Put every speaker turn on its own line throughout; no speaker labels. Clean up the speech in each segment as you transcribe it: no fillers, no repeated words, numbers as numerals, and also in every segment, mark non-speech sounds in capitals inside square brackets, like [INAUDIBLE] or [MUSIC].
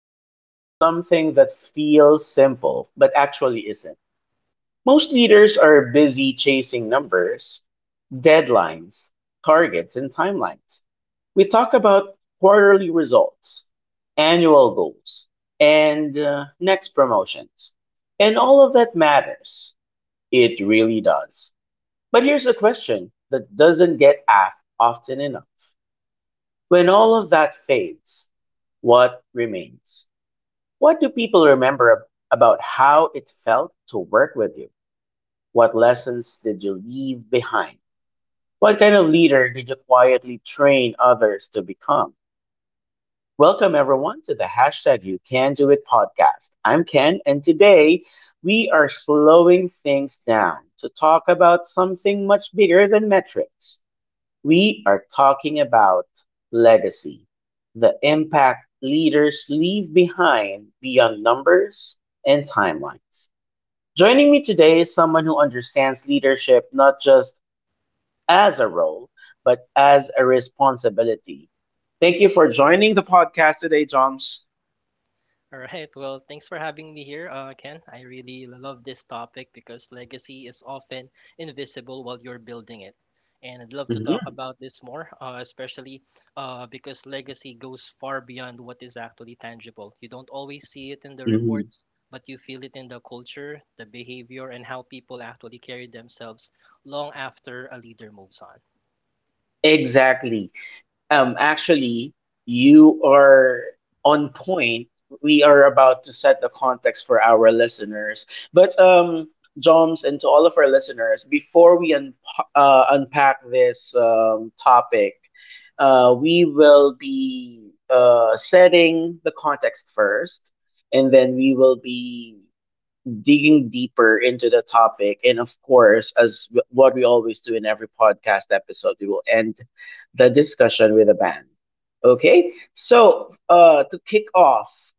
me start with something that feels simple, but actually isn't. Most leaders are busy chasing numbers, deadlines, targets, and timelines. We talk about quarterly results, annual goals, and next promotions. And all of that matters. It really does. But here's a question that doesn't get asked often enough. When all of that fades, what remains? What do people remember about how it felt to work with you? What lessons did you leave behind? What kind of leader did you quietly train others to become? Welcome, everyone, to the hashtag You Can Do It podcast. I'm Ken, and today we are slowing things down to talk about something much bigger than metrics. We are talking about legacy, the impact leaders leave behind beyond numbers and timelines. Joining me today is someone who understands leadership not just as a role, but as a responsibility. Thank you for joining the podcast today, Joms.
All right. Well, thanks for having me here, Ken. I really love this topic because legacy is often invisible while you're building it. And I'd love to talk
Hmm.
about this more, especially because legacy goes far beyond what is actually tangible. You don't always see it in the
Mhm.
reports, but you feel it in the culture, the behavior, and how people actually carry themselves long after a leader moves on.
Exactly. Actually, you are on point. We are about to set the context for our listeners. But, Joms, and to all of our listeners, before we un unpack this topic, we will be setting the context first, and then we will be digging deeper into the topic. And of course, as what we always do in every podcast episode, we will end the discussion with a bang. Okay, so to kick off,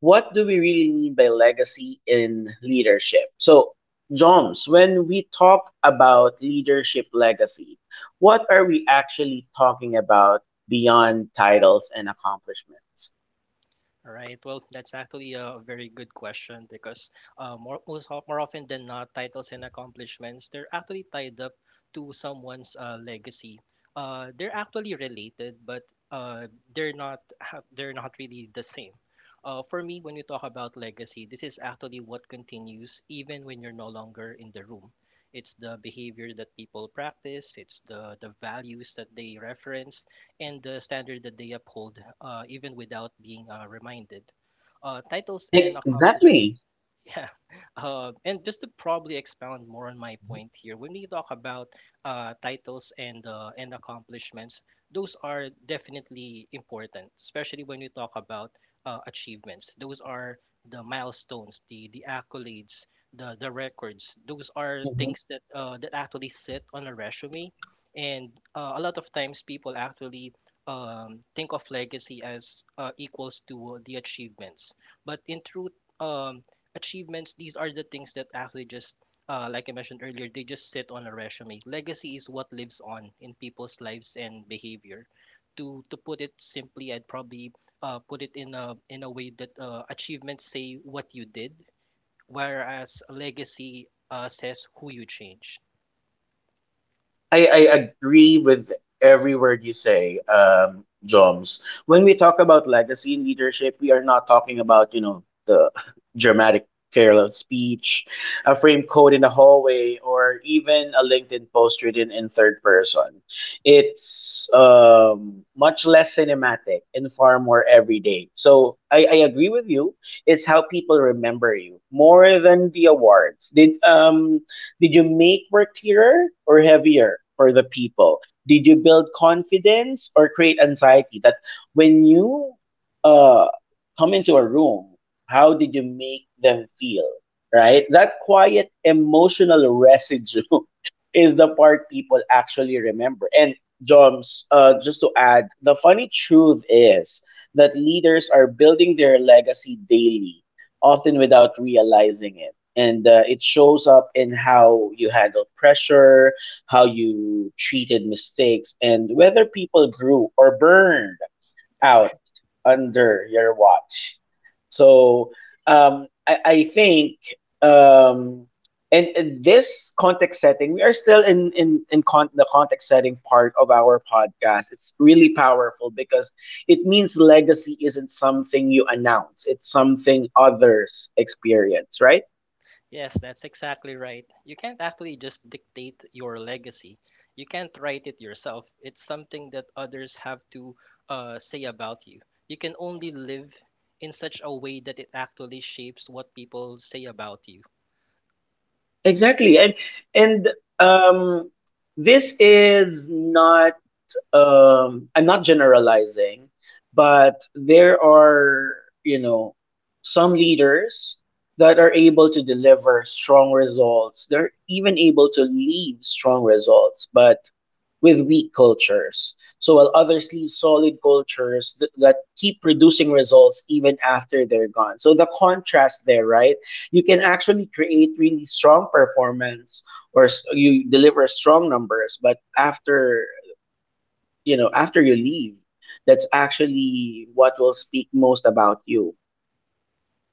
what do we really mean by legacy in leadership? So, Joms, when we talk about leadership legacy, what are we actually talking about beyond titles and accomplishments?
All right. Well, that's actually a very good question because more often than not, titles and accomplishments they're actually tied up to someone's legacy. They're actually related, but uh, they're not really the same. For me, when you talk about legacy, this is actually what continues even when you're no longer in the room. It's the behavior that people practice. It's the values that they reference and the standard that they uphold, even without being reminded. Titles and accomplishment.
Exactly.
Yeah, [LAUGHS] and just to probably expound more on my point here, when we talk about titles and accomplishments, those are definitely important, especially when we talk about achievements. Those are the milestones, the accolades, the records. Those are
Mhm.
things that that actually sit on a resume, and a lot of times people actually think of legacy as equals to the achievements, but in truth. Um, Achievements, these are the things that actually just, like I mentioned earlier, they just sit on a resume. Legacy is what lives on in people's lives and behavior. To put it simply, I'd probably put it in a way that achievements say what you did, whereas a legacy says who you changed.
I agree with every word you say, Joms. When we talk about legacy in leadership, we are not talking about, you know, the [LAUGHS] dramatic farewell speech, a frame code in the hallway, or even a LinkedIn post written in third person. It's much less cinematic and far more everyday. So I agree with you. It's how people remember you more than the awards. Did you make work clearer or heavier for the people? Did you build confidence or create anxiety? That when you uh, come into a room, how did you make them feel? Right? That quiet emotional residue [LAUGHS] is the part people actually remember. And Joms, just to add, the funny truth is that leaders are building their legacy daily, often without realizing it. And it shows up in how you handle pressure, how you treated mistakes, and whether people grew or burned out
[LAUGHS]
under your watch. So I think, um, and this context setting, we are still in the context setting part of our podcast. It's really powerful because it means legacy isn't something you announce; it's something others experience, right?
Yes, that's exactly right. You can't actually just dictate your legacy. You can't write it yourself. It's something that others have to say about you. You can only live in such a way that it actually shapes what people say about you.
Exactly. And um, this is not. I'm not generalizing, but there are, you know, some leaders that are able to deliver strong results. They're even able to leave strong results, but with weak cultures. So while others leave solid cultures that keep producing results even after they're gone. So the contrast there, right? You can actually create really strong performance, you deliver strong numbers, but after after you leave, that's actually what will speak most about you.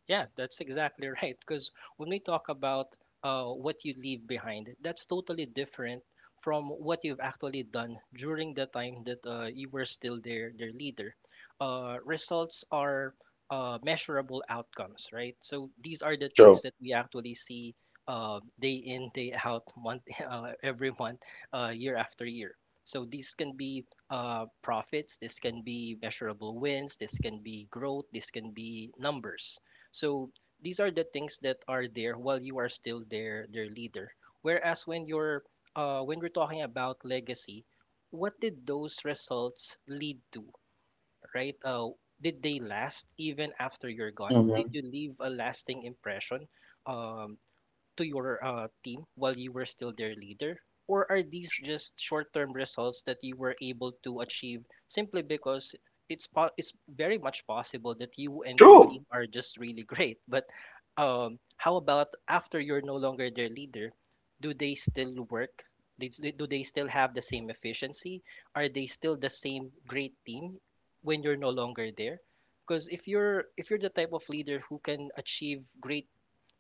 Yeah, that's exactly [LAUGHS] right. Because when we talk about what you leave behind, that's totally different from what you've actually done during the time that you were still their leader. Results are measurable outcomes, right? So these are the things
True.
that we actually see day in, day out, month [LAUGHS] every month, year after year. So these can be profits, this can be measurable wins, this can be growth, this can be numbers. So these are the things that are there while you are still their leader. Whereas when we're talking about legacy, what did those results lead to, right? Did they last even after you're gone? Did
Mhm.
you leave a lasting impression? Um, to your team while you were still their leader? Or are these just short term results that you were able to achieve simply because it's very much possible that you and your
True.
team are just really [LAUGHS] great? But how about after you're no longer their leader, do they still work? Do they still have the same efficiency? Are they still the same great team when you're no longer there? Because if you're the type of leader who can achieve great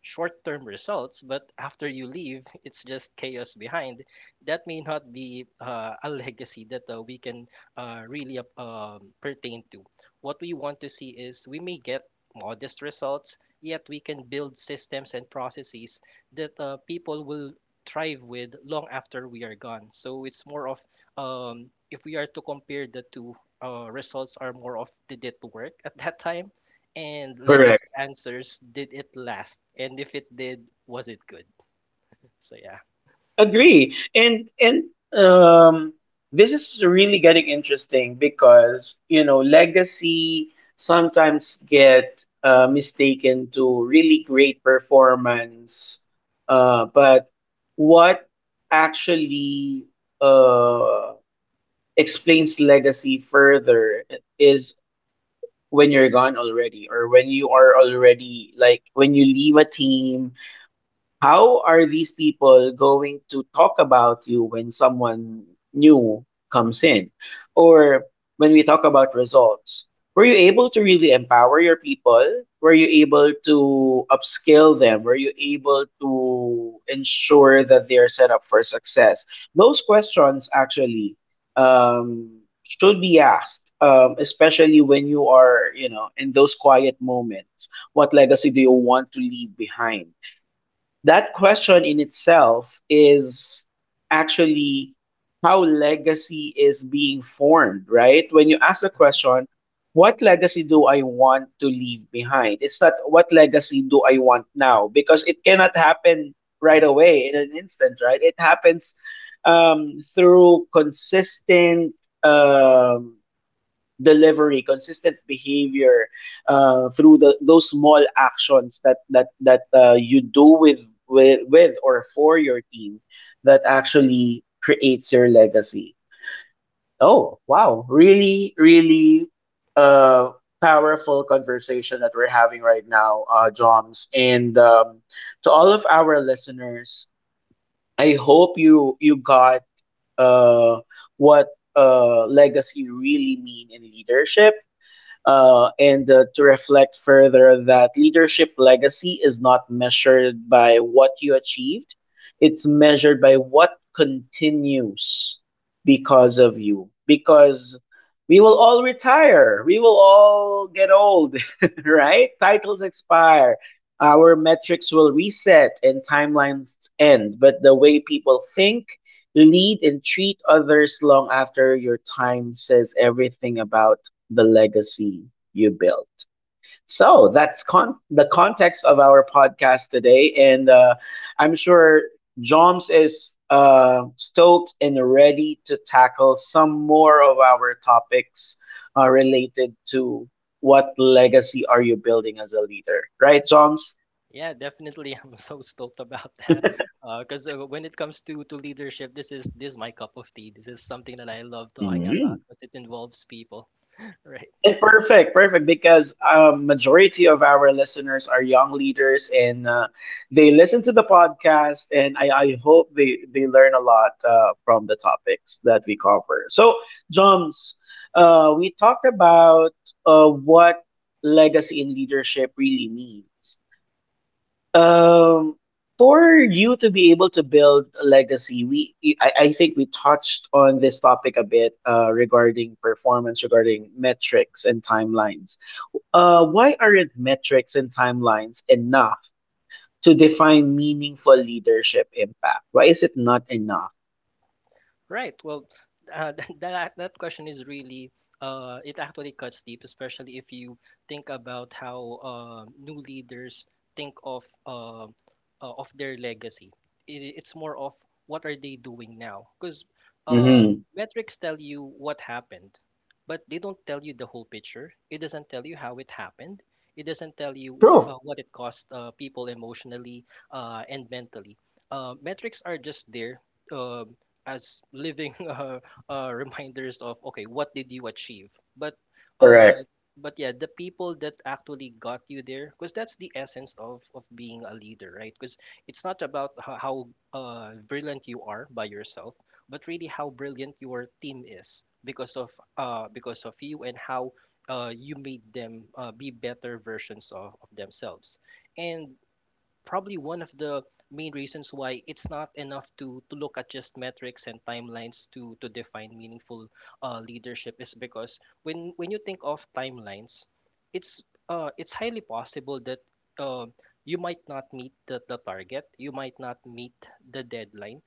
short term results, but after you leave, [LAUGHS] it's just chaos behind. That may not be a legacy that we can really pertain to. What we want to see is we may get modest results, yet we can build systems and processes that people will thrive with long after we are gone. So it's more of if we are to compare the two results are more of did it work at that time and legacy
Correct.
answers, did it last? And if it did, was it good? So yeah.
Agree. And um this is really getting interesting, because, you know, legacy sometimes get mistaken to really great performance, but what actually uh, explains legacy further is when you're gone already, or when you are already, like, when you leave a team, how are these people going to talk about you when someone new comes in? Or when we talk about results, were you able to really empower your people? Were you able to upskill them? Were you able to ensure that they are set up for success? Those questions actually should be asked, especially when you are, you know, in those quiet moments. What legacy do you want to leave behind? That question in itself is actually how legacy is being formed, right? When you ask the question, what legacy do I want to leave behind? It's not what legacy do I want now, because it cannot happen right
Mm-hmm.
away in an instant, right? It happens through consistent um, delivery, consistent behavior, through those small actions that that you do with, with or for your team, that actually creates your legacy. Oh wow, really uh, powerful conversation that we're having right now, Joms, and to all of our listeners. I hope you got uh, what legacy really mean in leadership, and to reflect further that leadership legacy is not measured by what you achieved, it's measured by what continues because of you. Because we will all retire, we will all get old, [LAUGHS] right? Titles expire, our metrics will reset, and timelines end. But the way people think, lead and treat others long after your time says everything about the legacy you built. So that's the context of our podcast today. And I'm sure Joms is stoked and ready to tackle some more of our topics, related to what legacy are you building as a leader, right, Joms?
Yeah, definitely. [LAUGHS] I'm so stoked about that. Because when it comes to leadership, this is my cup of tea. This is something that I love talking about because it involves people, [LAUGHS] right?
And perfect, perfect, because majority of our listeners are young leaders and they listen to the podcast, and I hope they learn a lot from the topics that we cover. So, Joms, we talked about what legacy in leadership really means. Um, for you to be able to build a legacy, I think we touched on this topic a bit, regarding performance, regarding metrics and timelines. Why aren't metrics and timelines enough to define meaningful leadership impact? Why is it not enough?
Right. Well, uh, [LAUGHS] that question is really it actually cuts deep, especially if you think about how new leaders think of their legacy. It's more of what are they doing now? Because uh,
Mm-hmm.
metrics tell you what happened, but they don't tell you the whole picture. It doesn't tell you how it happened. It doesn't tell you
True.
what it cost people emotionally and mentally. Metrics are just there. Uh, as living [LAUGHS] reminders of okay, what did you achieve? But uh,
Correct.
but yeah, the people that actually got you there, because that's the essence of being a leader, right? Because it's not about how brilliant you are by yourself, but really how brilliant your team is because of you and how you made them be better versions of themselves. And probably one of the main reasons why it's not enough to look at just metrics and timelines to define meaningful leadership is because when you think of timelines, it's it's highly possible that uh, you might not meet the target, you might not meet the deadline,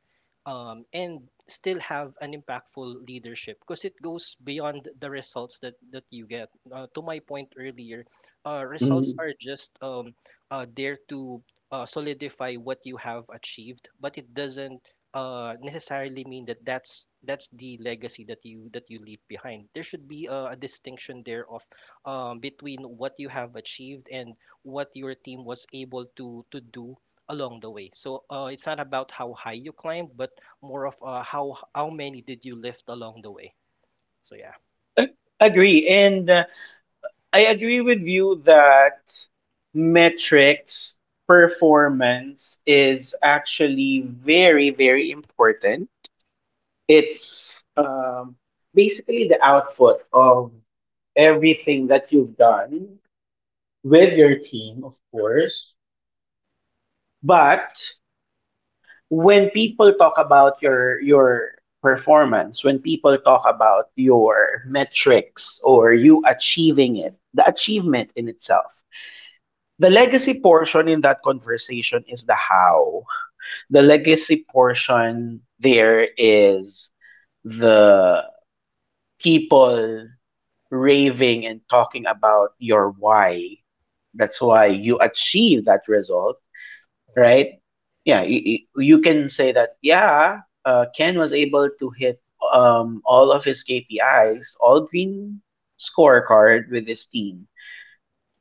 and still have an impactful leadership because it goes beyond the results that you get. To my point earlier, results
Mhm.
are just there to solidify what you have achieved, but it doesn't necessarily mean that that's the legacy that you leave behind. There should be a distinction there of between what you have achieved and what your team was able to do along the way. So it's not about how high you climbed, but more of how many did you lift along the way. So yeah.
Agree. And I agree with you that metrics, performance is actually very, very important. It's basically the output of everything that you've done with your team, of course. But when people talk about your performance, when people talk about your metrics or you achieving it, the achievement in itself. The
Mhm.
legacy portion in that conversation is the how. The legacy portion there is the people raving and talking about your why. That's why you achieve that result, right? Yeah, you can say that, yeah, Ken was able to hit all of his KPIs, all green scorecard with his team.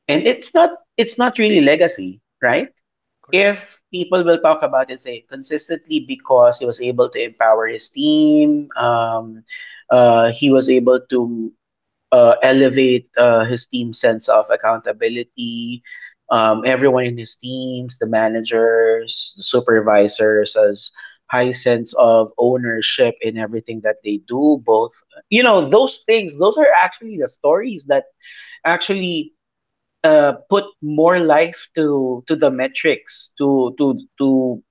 And it's not really legacy, right?
Correct.
If people will talk about it, say consistently, because he was able to empower his team, he was able to elevate his team's sense of accountability. Everyone in his teams, the managers, the supervisors, has high sense of ownership in everything that they do. Both, you know, those things. Those are actually the stories that actually put more life to the metrics, to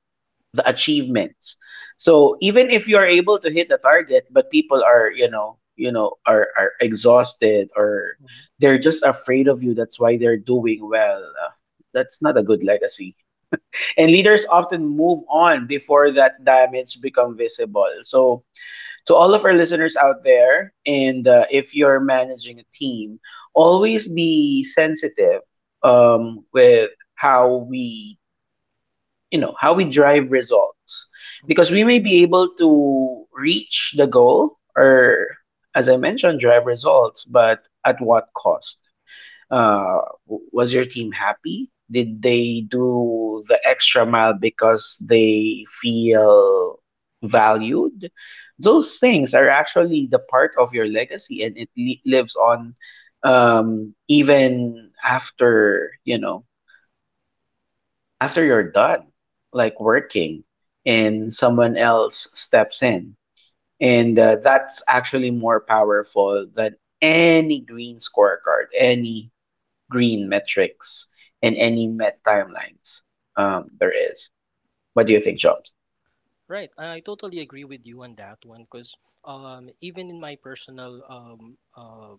the achievements, so even if you're able to hit the target, but people are you know are exhausted, or
Mhm.
they're just afraid of you, that's why they're doing well. That's not a good legacy, and leaders often move on before that damage become visible. So to all of our listeners out there, and if you're managing a team, always be sensitive with how we, you know, how we drive results,
Mhm.
because we may be able to reach the goal, or, as I mentioned, drive results, but at what cost? Was your team happy? Did they do the extra mile because they feel valued? Those things are actually the part of your legacy, and it lives on, even after you know after you're done, like, working, and someone else steps in, and that's actually more powerful than any green scorecard, any green metrics in any met timelines there is. What do you think, Jobs?
Right, I totally agree with you on that one because even in my personal um, uh,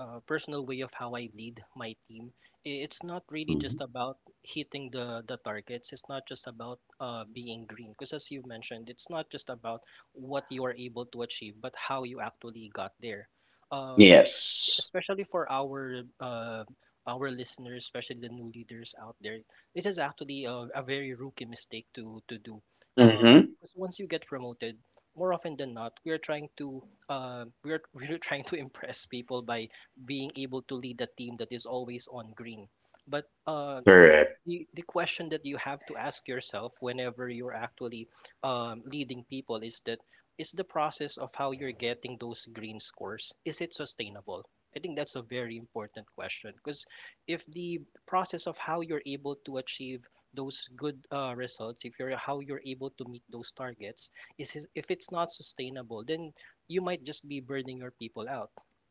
uh, personal way of how I lead my team, it's not really
Mhm.
just about hitting the targets. It's not just about being green because as you mentioned, it's not just about what you are able to achieve, but how you actually got there. Um,
Yes.
Especially for our listeners, especially the new leaders out there, this is actually a very rookie mistake to do. Uh,
Mm-hmm.
Because once you get promoted, more often than not, we are trying to we are [LAUGHS] we're trying to impress people by being able to lead a team that is always on green. But
Correct.
the question that you have to ask yourself whenever you're actually leading people is that is the process of how you're getting those green scores, is it sustainable? I think that's a very important question because if the process of how you're able to achieve those good results, if you're how you're able to meet those targets if it's not sustainable, then you might just be burning your people out.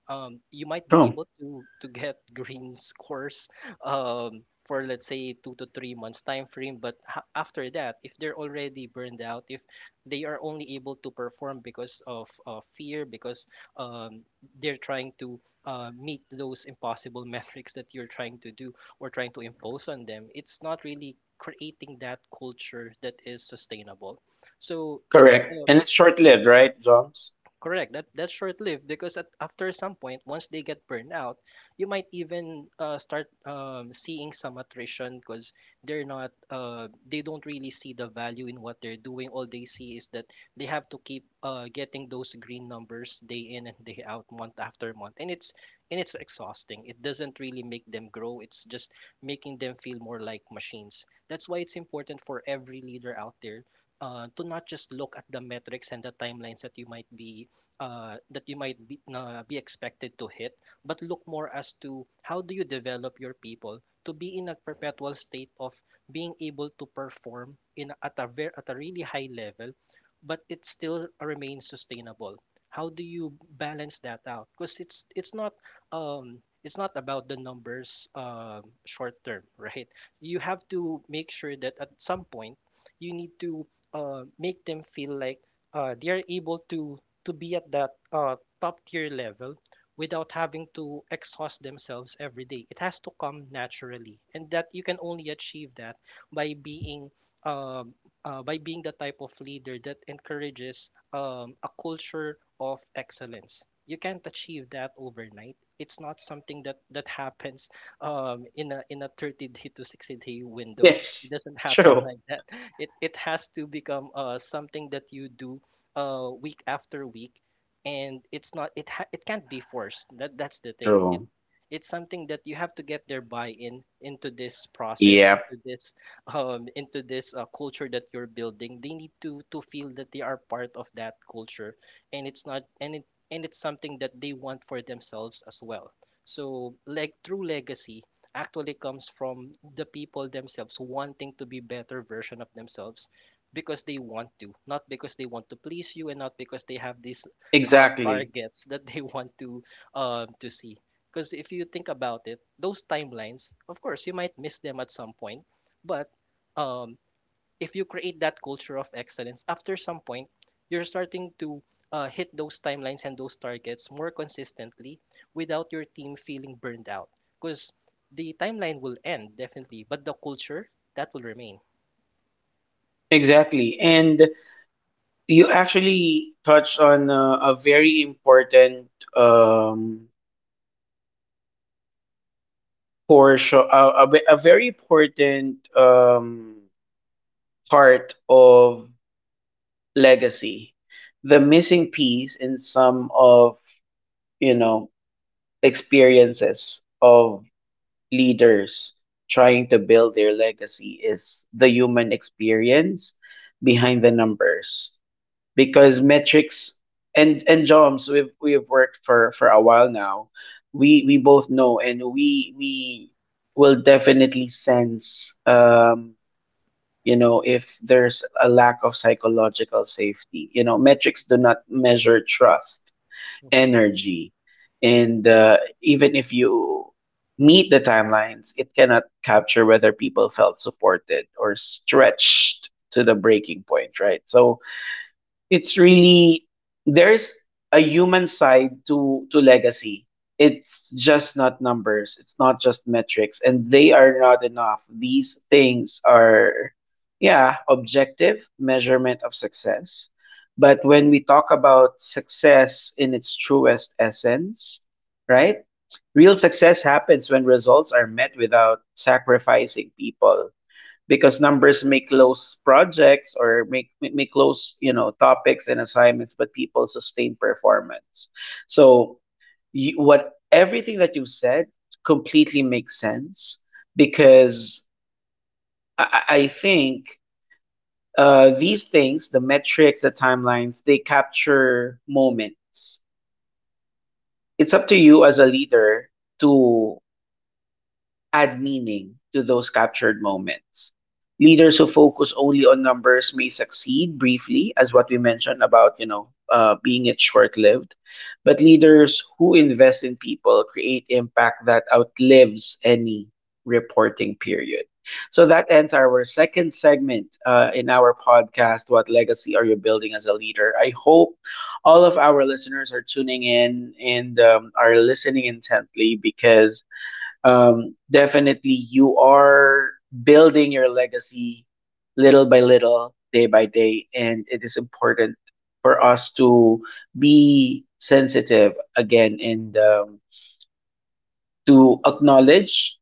You might be
True.
able to get [LAUGHS] green scores for let's say 2 to 3 months time frame. But after that, if they're already burned out, if they are only able to perform because of fear, because um, they're trying to meet those impossible [LAUGHS] metrics that you're trying to do or trying to impose on them, it's not really creating that culture that is sustainable. So it's
Correct. And it's short lived, right, Jobs? [LAUGHS]
Correct. That's short-lived because after some point, once they get burned out, you might even start seeing some attrition because they're not they don't really see the value in what they're doing. All they see is that they have to keep getting those green numbers day in and day out, month after month, and it's exhausting. It doesn't really make them grow. It's just making them feel more like machines. That's why it's important for every leader out there to not just look at the metrics and the timelines that you might be be expected to hit, but look more as to how do you develop your people to be in a perpetual state of being able to perform in at a really high level, but it still remains sustainable. How do you balance that out? Because it's not about the numbers short term, [LAUGHS] right? You have to make sure that at some point you need to make them feel like they are able to be at that top tier level without having to exhaust themselves every day. It has to come naturally, and that you can only achieve that by being um, by being the type of leader that encourages a culture of excellence. You can't achieve that overnight. It's not something that happens in a 30 day to 60 day window.
Yes.
It doesn't [LAUGHS] happen
True.
like that. It has to become something that you do week after week, and it's not it it can't be forced. That's the thing.
True.
It's something that you have to get their buy-in into this process,
Yep.
into this [LAUGHS] into this culture that you're building. They need to feel that they are part of that culture, and it's not and it and it's something that they want for themselves as well. So like true legacy actually comes from the people themselves wanting to be better version of themselves, because they want to, not because they want to please you, and not because they have these
Exactly.
targets that they [LAUGHS] want to see. Because if you think about it, those timelines, of course, you might miss them at some point, but um, if you create that culture of excellence, after some point, you're starting to hit those timelines and those targets more consistently without your team feeling burned out. Because the timeline will end definitely, but the culture, that will remain.
Exactly. And you actually touched on a very important um portion, a very important part of legacy. The missing piece in some of, you know, experiences of leaders trying to build their legacy is the human experience behind the numbers. Because metrics, and Joms, we've worked for a while now. We both know, and we will definitely sense, if there's a lack of psychological safety. Metrics do not measure trust,
Mhm.
energy, and even if you meet the timelines, it cannot capture whether people felt supported or stretched to the breaking point, right? So, it's really there's a human side to legacy. It's just not numbers, it's not just metrics, and they are not enough. These things are, yeah, objective measurement of success. But when we talk about success in its truest essence, right, real success happens when results are met without sacrificing people. Because numbers may close projects or make may close, topics and assignments, but people sustain performance. So what everything that you said completely makes sense. Because I think these things, the metrics, the timelines, they capture moments. It's up to you as a leader to add meaning to those captured moments. Leaders who focus only on numbers may succeed briefly, as what we mentioned about, being it short-lived. But leaders who invest in people create impact that outlives any reporting period. So that ends our second segment, in our podcast. What legacy are you building as a leader? I hope all of our listeners are tuning in and are listening intently, because definitely you are building your legacy little by little, day by day, and it is important for us to be sensitive again and, to acknowledge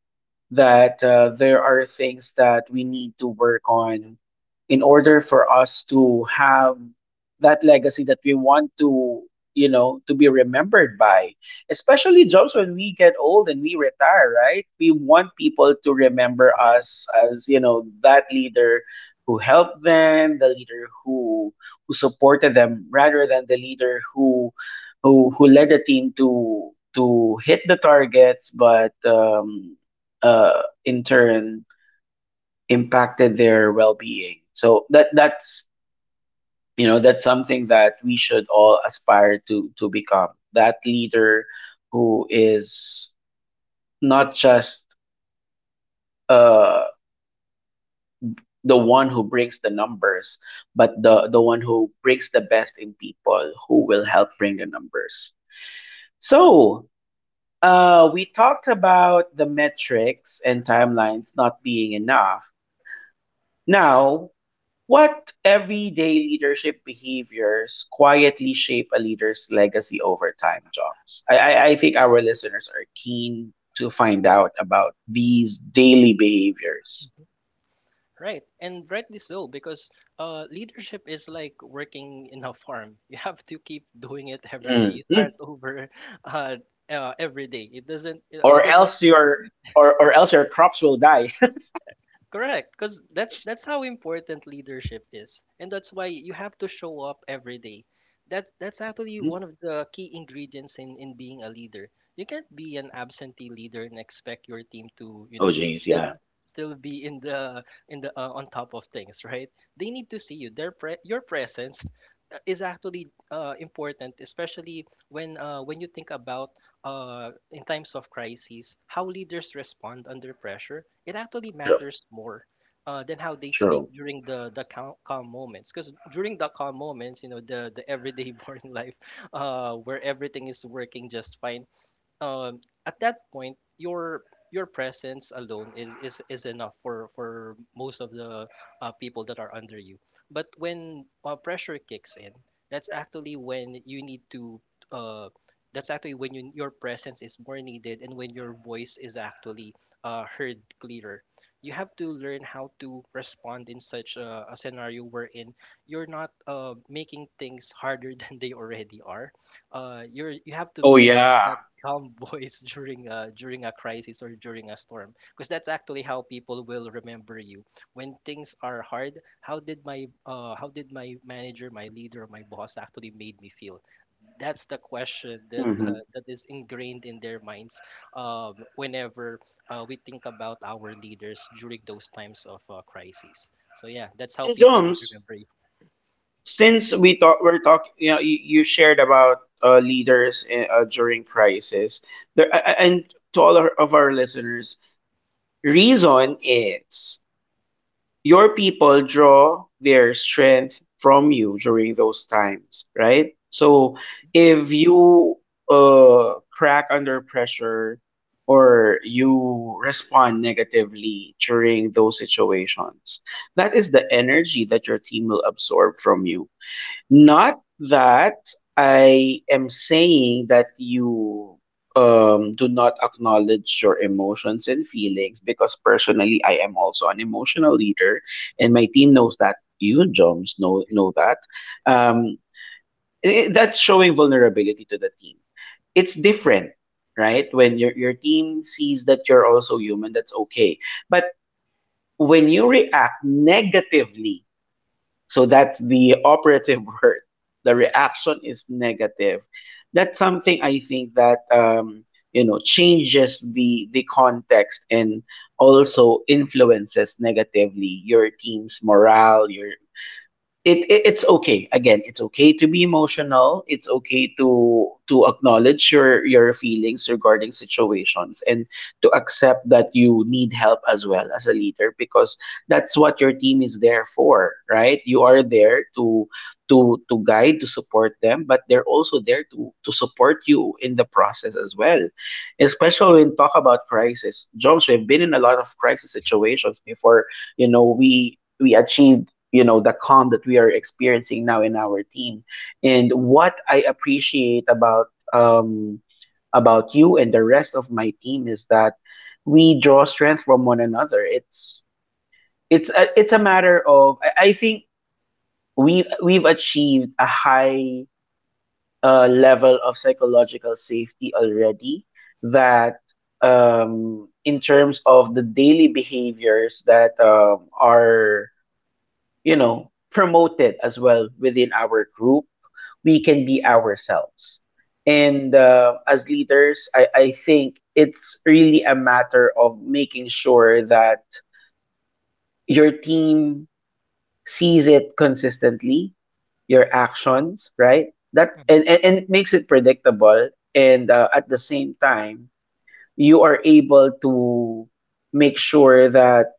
that there are things that we need to work on in order for us to have that legacy that we want to, you know, to be remembered by, especially, Jobs, when we get old and we retire, right? We want people to remember us as, you know, that leader who helped them, the leader who supported them, rather than the leader who led the team to hit the targets, but in turn impacted their well-being. So that's you know that's something that we should all aspire to become. That leader who is not just, uh, the one who brings the numbers, but the one who brings the best in people, who will help bring the numbers. So. We talked about the metrics and timelines not being enough. Now, what everyday leadership behaviors quietly shape a leader's legacy over time, Jobs? I think our listeners are keen to find out about these daily behaviors.
Right, and rightly so, because leadership is like working in a farm. [LAUGHS] You have to keep doing it every day. You start
Mhm.
over [LAUGHS] uh, every day. It doesn't. It
Or
it doesn't.
else your or else your crops will die. [LAUGHS]
Correct, because that's how important leadership is, and that's why you have to show up every day. That's actually
Hmm?
one of the key ingredients in being a leader. You can't be an absentee leader and expect your team to, you
Oh,
know,
jeez,
still
yeah.
still be in the on top of things, right? They need to see you. Their your presence is actually important, especially when you think about in times of crises, how leaders respond under pressure, it actually
True.
matters more than how they speak
True.
during the calm, calm moments. Because during the calm moments, you know, the everyday [LAUGHS] boring life, where everything is working just fine, at that point, your presence alone is enough for most of the people that are under you. But when pressure kicks in, that's actually when you need to. Uh, that's actually when you, your presence is more needed and when your voice is actually heard clearer. You have to learn how to respond in such a scenario wherein you're not making things harder [LAUGHS] than they already are. You have to
Oh,
be that
yeah.
calm [LAUGHS] voice during a during a crisis or during a storm, because that's actually how people will remember you when things are hard. How did my how did my manager, my leader, my boss actually made me feel? That's the question that [LAUGHS]
Hmm.
that is ingrained in their minds whenever we think about our leaders during those times of crises. So yeah, that's how
And,
people would
Joms,
remember you.
since we're talking, you know, you shared about leaders, during crisis, and to of our listeners, reason is your people draw their strength from you during those times, right? So if you, uh, crack under pressure or you respond negatively during those situations, that is the energy that your team will absorb from you. Not that I am saying that you, do not acknowledge your emotions and feelings, because personally I am also an emotional leader, and my team knows that. You, Joms, know that, um, that's showing vulnerability to the team. It's different, right? When your team sees that you're also human, that's okay. But when you react negatively, so that's the operative [LAUGHS] word. The reaction is negative. That's something I think that, you know, changes the context and also influences negatively your team's morale, your, it's okay. Again, it's okay to be emotional, it's okay to acknowledge your feelings regarding situations, and to accept that you need help as well as a leader. Because that's what your team is there for, right? You are there to to guide, to support them, but they're also there to support you in the process as well. Especially when talk about crisis, Jobs, we've been in a lot of crisis situations before. You know, we achieved, you know, the calm that we are experiencing now in our team. And what I appreciate about, um, about you and the rest of my team is that we draw strength from one another. It's it's a matter of, I think we've achieved a high, level of psychological safety already, that, um, in terms of the daily behaviors that, um, are, you know, promoted as well within our group. We can be ourselves. And, as leaders, I think it's really a matter of making sure that your team sees it consistently, your actions, right? That,
Mhm,
and it makes it predictable. And, at the same time, you are able to make sure that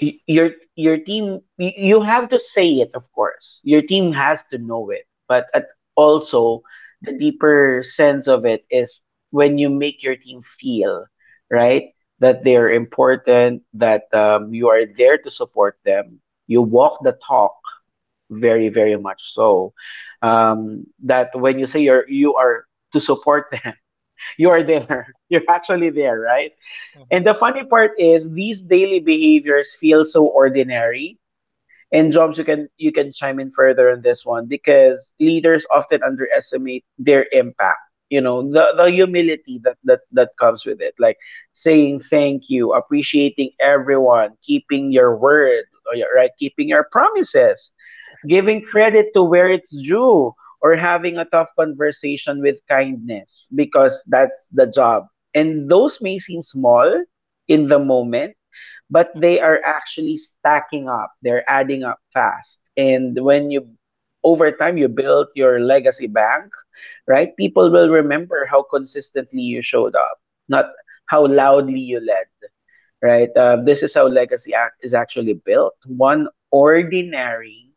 y- your your team, you have to say it, of course, your team has to know it, but at, also, the deeper sense of it is when you make your team feel, right, that they are important, that, you are there to support them. You walk the talk, very very much so, that when you say you're you are to support [LAUGHS] them, you are there. [LAUGHS] You're actually there, right? And the funny part is these daily behaviors feel so ordinary. And, Jobs, you can chime in further on this one, because leaders often underestimate their impact. You know, the humility that, that comes with it. Like saying thank you, appreciating everyone, keeping your word, right? Keeping your promises, giving credit to where it's due, or having a tough conversation with kindness, because that's the job. And those may seem small in the moment, but
mhm.
they are actually stacking up. They're adding up fast. And when you over time you build your legacy bank, right? People will remember how consistently you showed up, not how loudly you led, right? This is how legacy act is actually built. One ordinary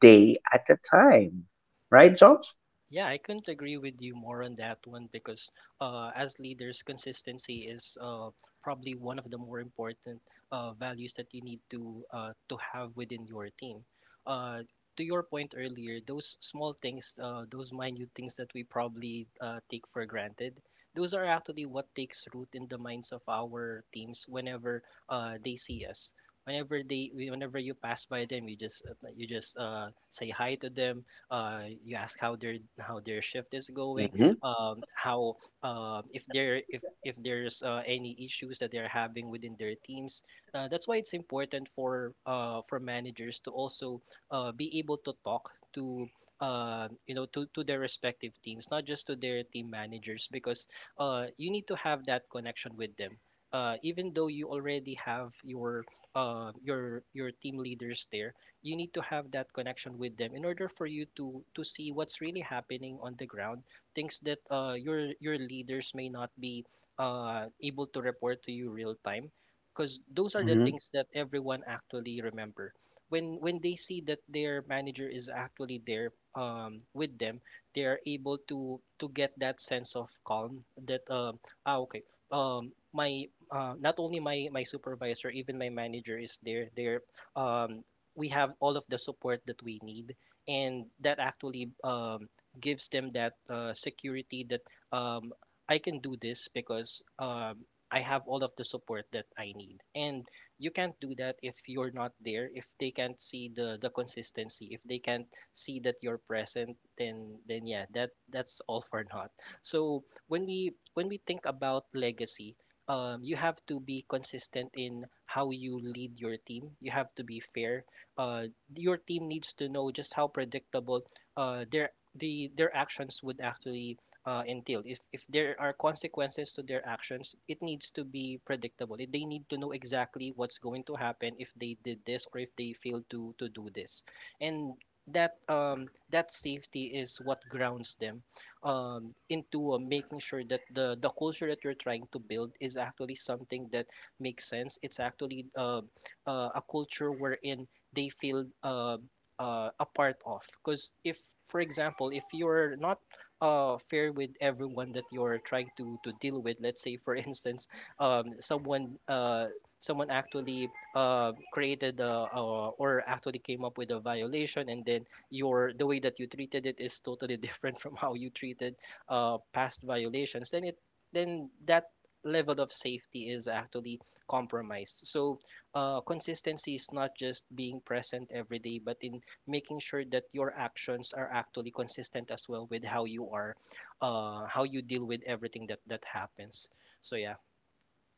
day at a time, right, Jobs?
Yeah, I couldn't agree with you more on that one, because as leaders, consistency is probably one of the more important values that you need to have within your team. Uh, to your point earlier, those small things, those minute things that we probably take for granted, those are actually what takes root in the minds of our teams whenever they see us. Whenever they, whenever you pass by them, you just say hi to them, you ask how their shift is going,
Hmm.
how if there if there's any issues that they're having within their teams. That's why it's important for managers to also be able to talk to you know, to their respective teams, not just to their team managers, because you need to have that connection with them. Even though you already have your team leaders there, you need to have that connection with them in order for you to see what's really happening on the ground, things that your leaders may not be able to report to you real time, because those are the
Hmm.
things that everyone actually remember when they see that their manager is actually there with them. They are able to get that sense of calm that ah okay, my not only my my supervisor, even my manager is there. They're um, we have all of the support that we need, and that actually gives them that security that um, I can do this because I have all of the support that I need. And you can't do that if you're not there, if they can't see the consistency, if they can't see that you're present, then yeah, that that's all for naught. So when we think about legacy, you have to be consistent in how you lead your team. You have to be fair. uh, your team needs to know just how predictable their the their actions would actually entail. If there are consequences to their actions, it needs to be predictable. They need to know exactly what's going to happen if they did this or if they failed to do this, and that safety is what grounds them into making sure that the culture that you're trying to build is actually something that makes sense. It's actually a culture wherein they feel a part of. Because if, for example, if you're not fair with everyone that you're trying to deal with, let's say, for [LAUGHS] instance, um, someone uh, someone actually created a, or actually came up with a violation, and then your the way that you treated it is totally [LAUGHS] different from how you treated past violations, then it then that level of safety is actually compromised. So consistency is not just being present every day, but in making sure that your actions are actually consistent as well with how you are, how you deal with everything that that happens. So yeah,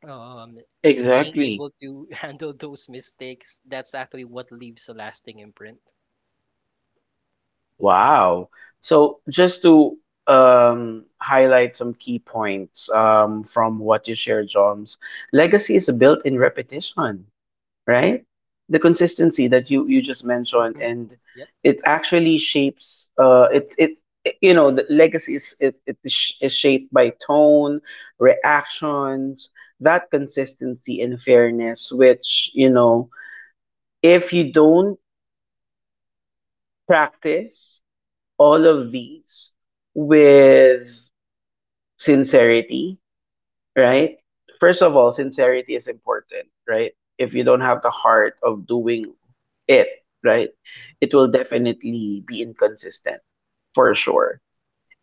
um, being
Exactly.
able to [LAUGHS] handle those mistakes, that's actually what leaves a lasting imprint.
Wow. So, just to, highlight some key points, from what you shared, Joms, legacy is built in repetition. Right? The consistency that you just mentioned,
Hmm.
and
Yep.
it actually shapes. You know, the legacy is, it is is shaped by tone, reactions, that consistency and fairness, which, you know, if you don't practice all of these with sincerity, right? First of all, sincerity is important, right? If you don't have the heart of doing it, right, it will definitely be inconsistent for sure,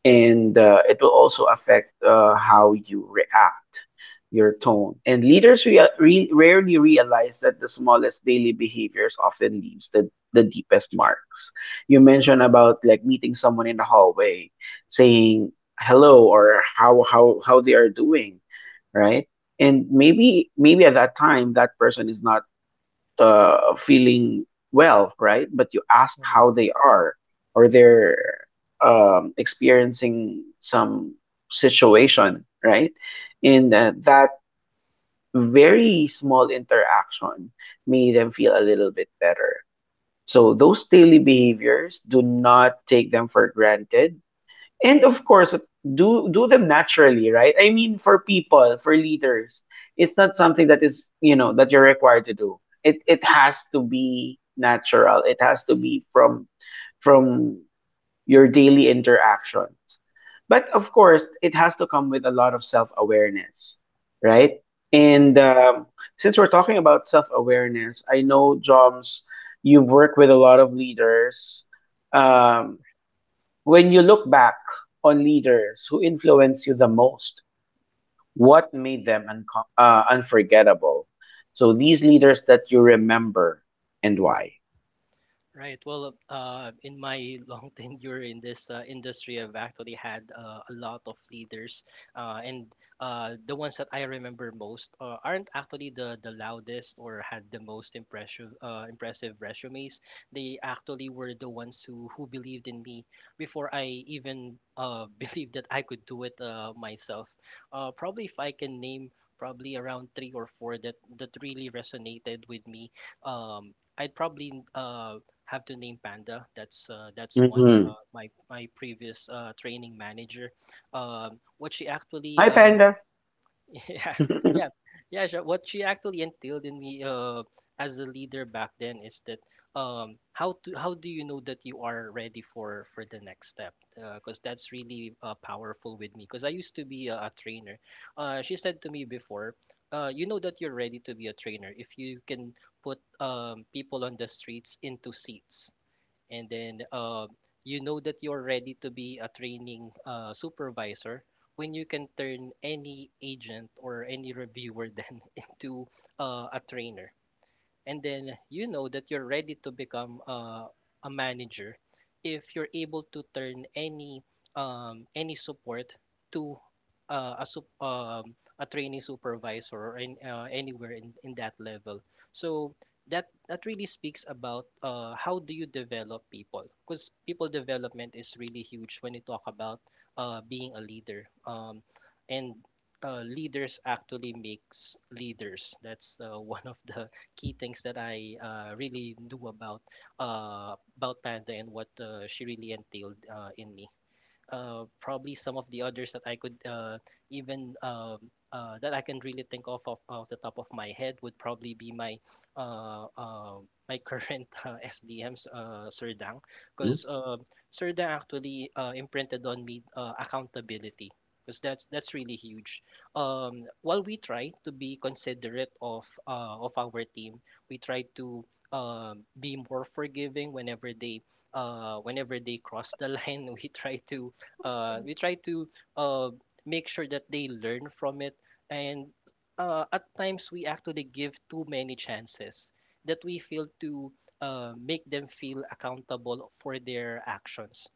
and, it will also affect, how you react, your tone. And leaders rarely realize that the smallest daily behaviors often leaves the deepest marks. You mentioned about like meeting someone in the hallway, saying hello, or how they are doing, right? And maybe at that time that person is not, feeling well, right? But you ask
Hmm.
how they are, or they're, experiencing some situation, right? And, that very small interaction made them feel a little bit better. So those daily behaviors, do not take them for granted, and of course, do them naturally, right? I mean, for people, for leaders, it's not something that is, you know, that you're required to do. It has to be natural. It has to be from your daily interactions. But of course, it has to come with a lot of self awareness, right? And, since we're talking about self awareness, I know, Joms, you work with a lot of leaders. Um, when you look back on leaders who influenced you the most, what made them unforgettable? So these leaders that you remember, and why.
Right. Well, in my long [LAUGHS] tenure in this industry, I've actually had a lot of leaders, and the ones that I remember most aren't actually the loudest or had the most impressive impressive resumes. They actually were the ones who believed in me before I even [LAUGHS] believed that I could do it myself. Probably if I can name probably around three or four that that really resonated with me. I'd probably have to name Panda. That's one.
Hmm.
My my previous training manager, what she actually
Hi, Panda.
[LAUGHS] yeah yeah yeah sure. What she actually instilled in me as a leader back then is that, how to how do you know that you are ready for the next step? Because that's really powerful with me. Because I used to be a trainer. She said to me before, you know that you're ready to be a trainer if you can put people on the streets into seats, and then you know that you're ready to be a training supervisor when you can turn any agent or any reviewer then [LAUGHS] into a trainer, and then you know that you're ready to become a manager if you're able to turn any support to a training supervisor, or in, anywhere in that level. So that that really speaks about how do you develop people, because people development is really huge when you talk about being a leader, and leaders actually makes leaders. That's [LAUGHS] one of the key things that I really knew about Panda and what she really entailed in me. Probably some of the others that I could even that I can really think of off the top of my head would probably be my uh, uh, my current [LAUGHS] SDMs, Sir Dang, because
[LAUGHS]
Sir Dang actually imprinted on me accountability. Because that's really huge. While we try to be considerate of our team, we try to be more forgiving whenever they cross the line. [LAUGHS] We try to uh, make sure that they learn from it, and at times we actually give too many chances that we fail to make them feel accountable for their actions.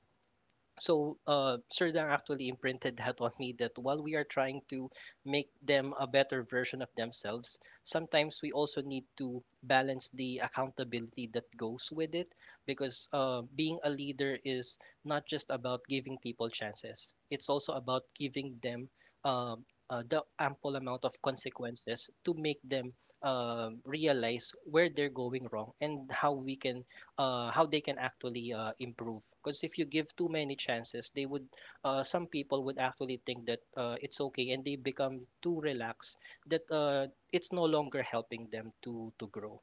So Serdang actually imprinted that on me, that while we are trying to make them a better version of themselves, sometimes we also need to balance the accountability that goes with it, because being a leader is not just about giving people chances, it's also about giving them um the ample amount of consequences to make them realize where they're going wrong and how we can how they can actually improve. Because if you give too many chances, they would some people would actually think that it's okay, and they become too relaxed that it's no longer helping them to grow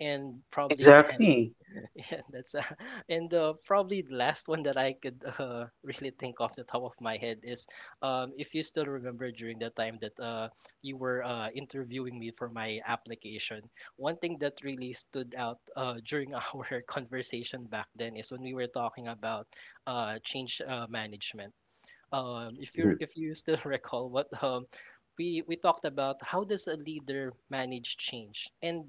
and probably [LAUGHS]
Exactly.
[LAUGHS] Yeah. that's [LAUGHS] and Probably the last one that I could [LAUGHS] really think off the top of my head is, if you still remember during that time that you were interviewing me for my application, one thing that really stood out during [LAUGHS] our conversation back then is when we were talking about change management. If you
Mhm.
if you still [LAUGHS] recall what we talked about, how does a leader manage change? And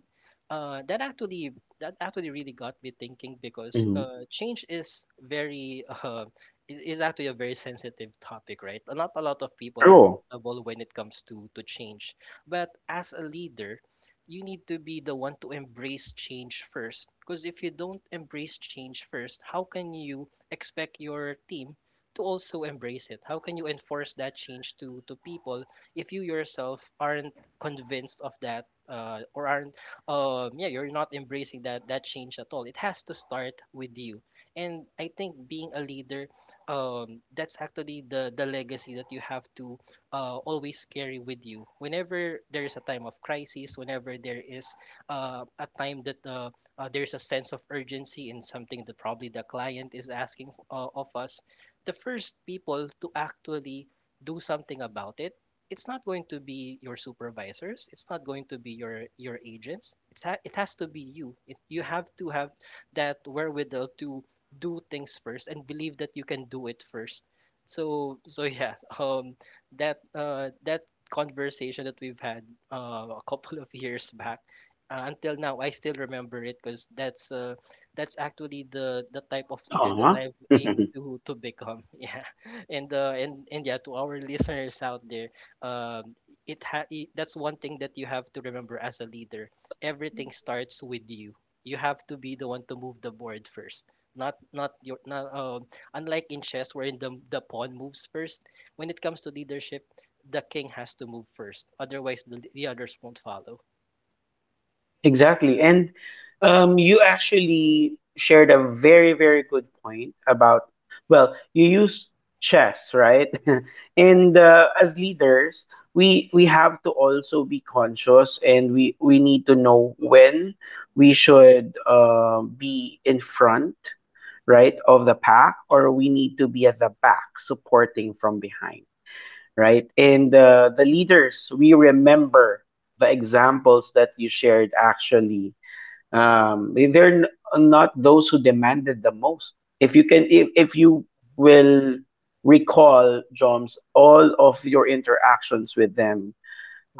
that actually, that actually really got me thinking, because
Mhm.
change is very [LAUGHS] is actually a very sensitive topic, right? Not a lot of people are
True.
comfortable when it comes to change, but as a leader you need to be the one to embrace change first, because if you don't embrace change first, how can you expect your team to also embrace it? How can you enforce that change to people if you yourself aren't convinced of that, or aren't, yeah, you're not embracing that change at all? It has to start with you, and I think being a leader, that's actually the legacy that you have to always carry with you. Whenever there is a time of crisis, whenever there is a time that there's a sense of urgency in something that probably the client is asking of us, the first people to actually do something about it, it's not going to be your supervisors, it's not going to be your agents, it has to be you. You have to have that wherewithal to do things first and believe that you can do it first. So [LAUGHS] yeah, that conversation that we've had a couple of years back, until now I still remember it, because that's actually the type of leader that
Uh-huh.
I aim
[LAUGHS]
to become. [LAUGHS] Yeah. And yeah, to our listeners out there, um that's one thing that you have to remember as a leader: everything starts with you. You have to be the one to move the board first, not, not your, not unlike in chess, wherein the pawn moves first. When it comes to leadership, the king has to move first, otherwise the others won't follow.
Exactly. And, you actually shared a very, very good point about, well, you use chess, right? [LAUGHS]
[LAUGHS] Right.
And, as leaders, we have to also be conscious, and we need to know when we should, be in front, right, of the pack, or we need to be at the back supporting from behind, right? And, the leaders we remember, the examples that you shared, actually, they're not those who demanded the most. If you can, if you will recall, Joms, all of your interactions with them,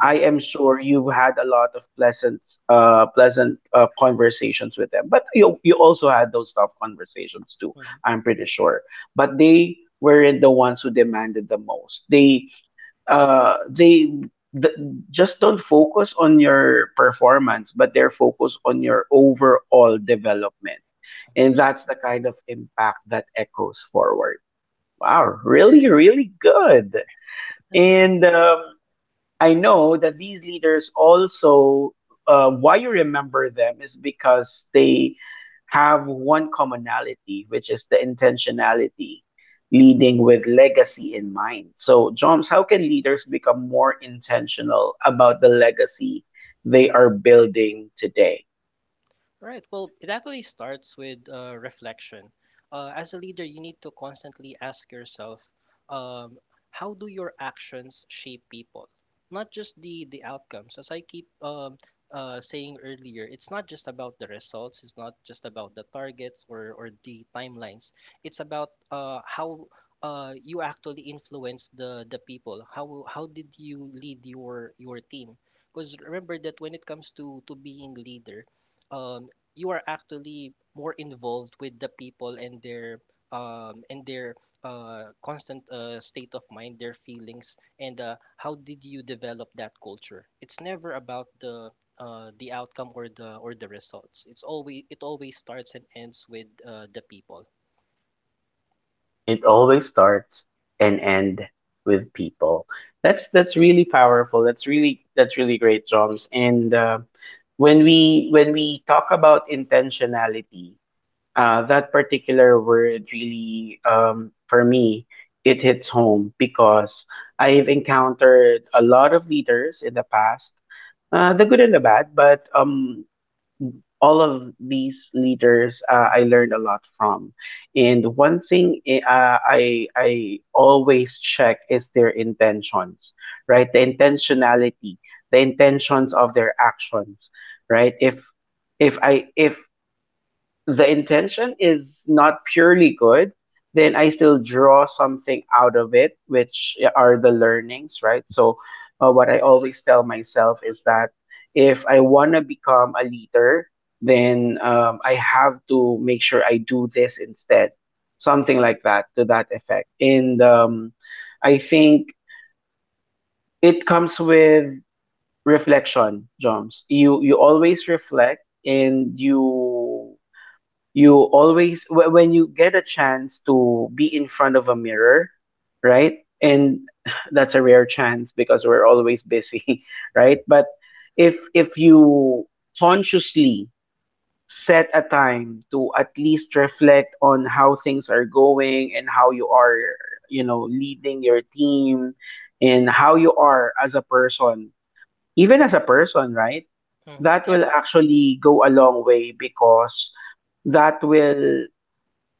I am sure you've had a lot of pleasant, pleasant, conversations with them. But you also had those tough conversations too.
mhm.
I'm pretty sure. But they weren't the ones who demanded the most. They, uh, they th- just don't focus on your performance, but they're focused on your overall development. And that's the kind of impact that echoes forward. Wow, really, really good. And, I know that these leaders also, why you remember them is because they have one commonality, which is the intentionality, leading with legacy in mind. So, Joms, how can leaders become more intentional about the legacy they are building today?
Right. Well, it actually starts with reflection. As a leader, you need to constantly ask yourself, um, how do your actions shape people? Not just the outcomes. As I keep saying earlier, it's not just about the results. It's not just about the targets or the timelines. It's about how you actually influence the people. How did you lead your team? Because remember that when it comes to being leader, um, you are actually more involved with the people and their um and their constant state of mind, their feelings, and how did you develop that culture. It's never about the outcome or the results. It always starts and ends with the people.
It always starts and end with people. That's really powerful. That's really great, Joms. And, when we talk about intentionality, that particular word really, for me, it hits home because I've encountered a lot of leaders in the past, the good and the bad, but, all of these leaders, I learned a lot from. And one thing, I always check is their intentions, right? The intentionality, the intentions of their actions, right? If the intention is not purely good, then I still draw something out of it, which yeah, are the learnings, right? So, what I always tell myself is that if I want to become a leader, then I have to make sure I do this instead, something like that, to that effect. And I think it comes with reflection, Joms. You always reflect and you when you get a chance to be in front of a mirror, right? And [LAUGHS] [SIGHS] that's a rare chance because we're always busy. [LAUGHS] Right, but if you consciously set a time to at least reflect on how things are going and how you are, you know, leading your team, and how you are as a person, even as a person, right?
Hmm.
That
Yeah.
will actually go a long way because that will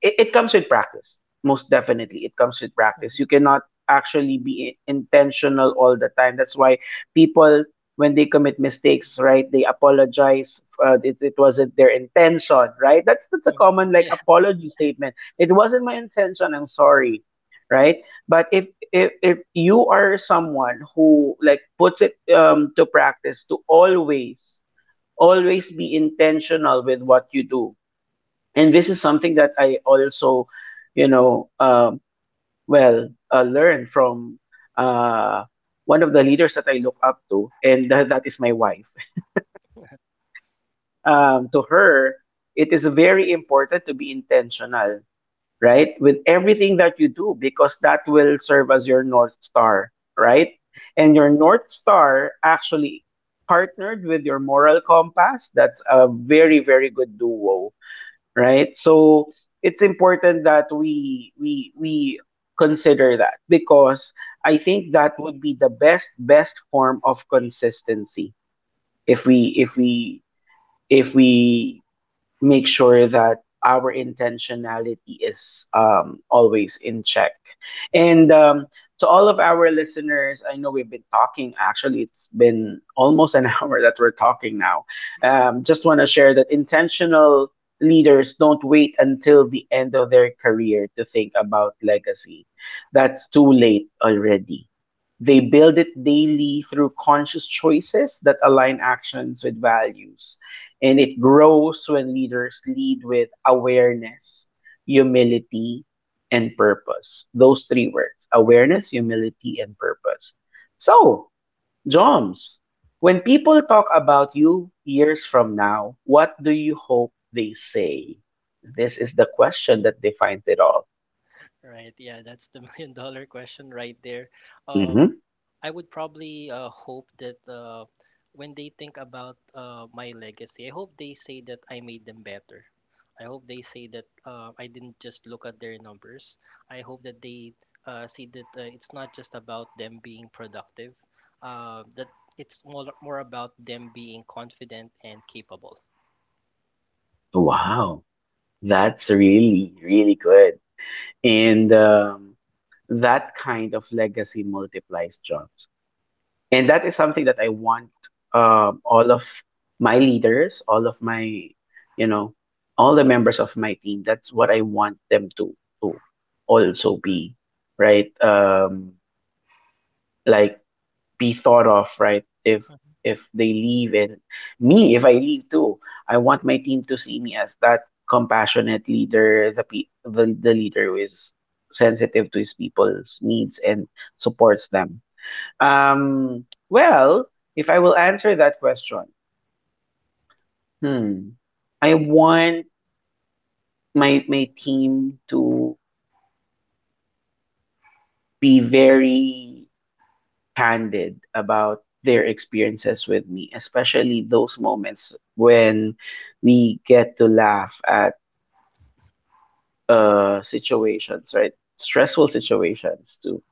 it, it comes with practice. Most definitely, it comes with practice. You
Hmm.
cannot actually be intentional all the time. That's why people, when they commit mistakes, right, they apologize. It, it wasn't their intention, right? That's a
Hmm.
common,
[LAUGHS]
like,
Yeah.
apology statement: it wasn't my intention, I'm sorry, right? But if you are someone who, like, puts it to practice to always always be intentional with what you do. And this is something that I also, you know, well, learned from, uh, one of the leaders that I look up to, and that is my wife. [LAUGHS] To her, it is very important to be intentional, right, with everything that you do, because that will serve as your north star, right? And your north star actually partnered with your moral compass. That's a very, very good duo, right? So it's important that we consider that because I think that would be the best form of consistency if we make sure that our intentionality is, always in check. And to all of our listeners, I know we've been talking, actually, it's been almost an [LAUGHS] hour that we're talking now. Just want to share that intentional leaders don't wait until the end of their career to think about legacy. That's too late already. They build it daily through conscious choices that align actions with values, and it grows when leaders lead with awareness, humility, and purpose. Those three words: awareness, humility, and purpose. So, Joms, when people talk about you years from now, what do you hope they say? This is the question that defines it all.
Right. Yeah, that's the million dollar question right there. um
Hmm.
I would probably hope that when they think about my legacy, I hope they say that I made them better. I hope they say that I didn't just look at their numbers. I hope that they see that it's not just about them being productive, that it's more, more about them being confident and capable.
Wow, that's really, really good. And that kind of legacy multiplies jobs. And that is something that I want, all of my leaders, all of my, you know, all the members of my team. That's what I want them to to also be, right? Like, be thought of, right? If they leave, and me, if I leave too, I want my team to see me as that compassionate leader, the the leader who is sensitive to his people's needs and supports them. Well, if I will answer that question, hmm, I want my team to be very candid about their experiences with me, especially those moments when we get to laugh at situations, right? Stressful situations too,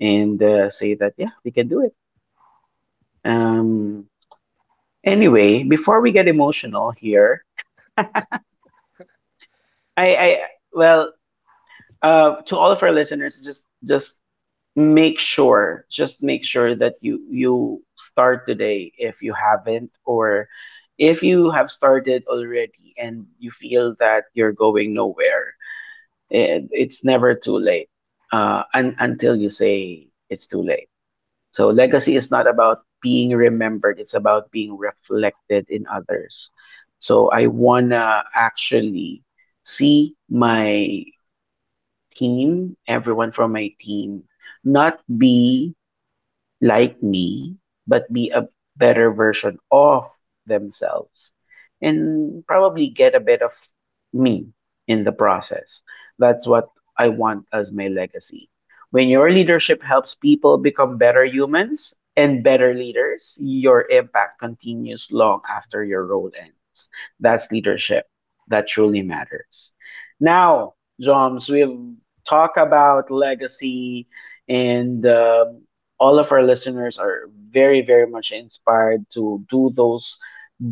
and say that yeah, we can do it. Um. Anyway, before we get emotional here, I well to all of our listeners, just make sure, just make sure that you start today if you haven't, or if you have started already and you feel that you're going nowhere. It, it's never too late until you say it's too late. So legacy is not about being remembered; it's about being reflected in others. So I wanna actually see my team, everyone from my team, not be like me, but be a better version of themselves and probably get a bit of me in the process. That's what I want as my legacy. When your leadership helps people become better humans and better leaders, your impact continues long after your role ends. That's leadership that truly matters. Now, Joms, we've talked about legacy and all of our listeners are very, very much inspired to do those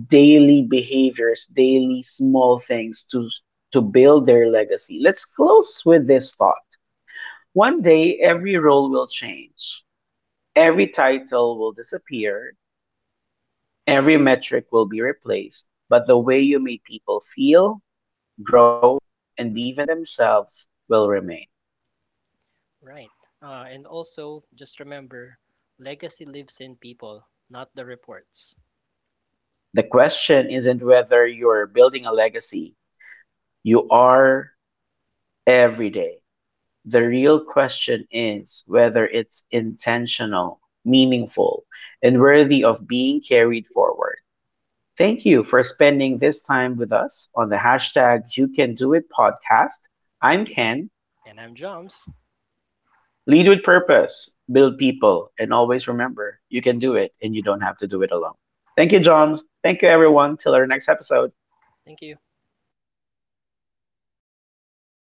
daily behaviors, daily small things to build their legacy. Let's close with this thought. One day every role will change. Every title will disappear. Every metric will be replaced, but the way you made people feel, grow, and believe in themselves will remain.
Right. And also, just remember, legacy lives in people, not the reports.
The question isn't whether you're building a legacy, you are, every day. The real question is whether it's intentional, meaningful, and worthy of being carried forward. Thank you for spending this time with us on the hashtag You Can Do It podcast. I'm Ken.
And I'm Joms.
Lead with purpose, build people, and always remember you can do it and you don't have to do it alone. Thank you, John. Thank you, everyone. Till our next episode.
Thank you.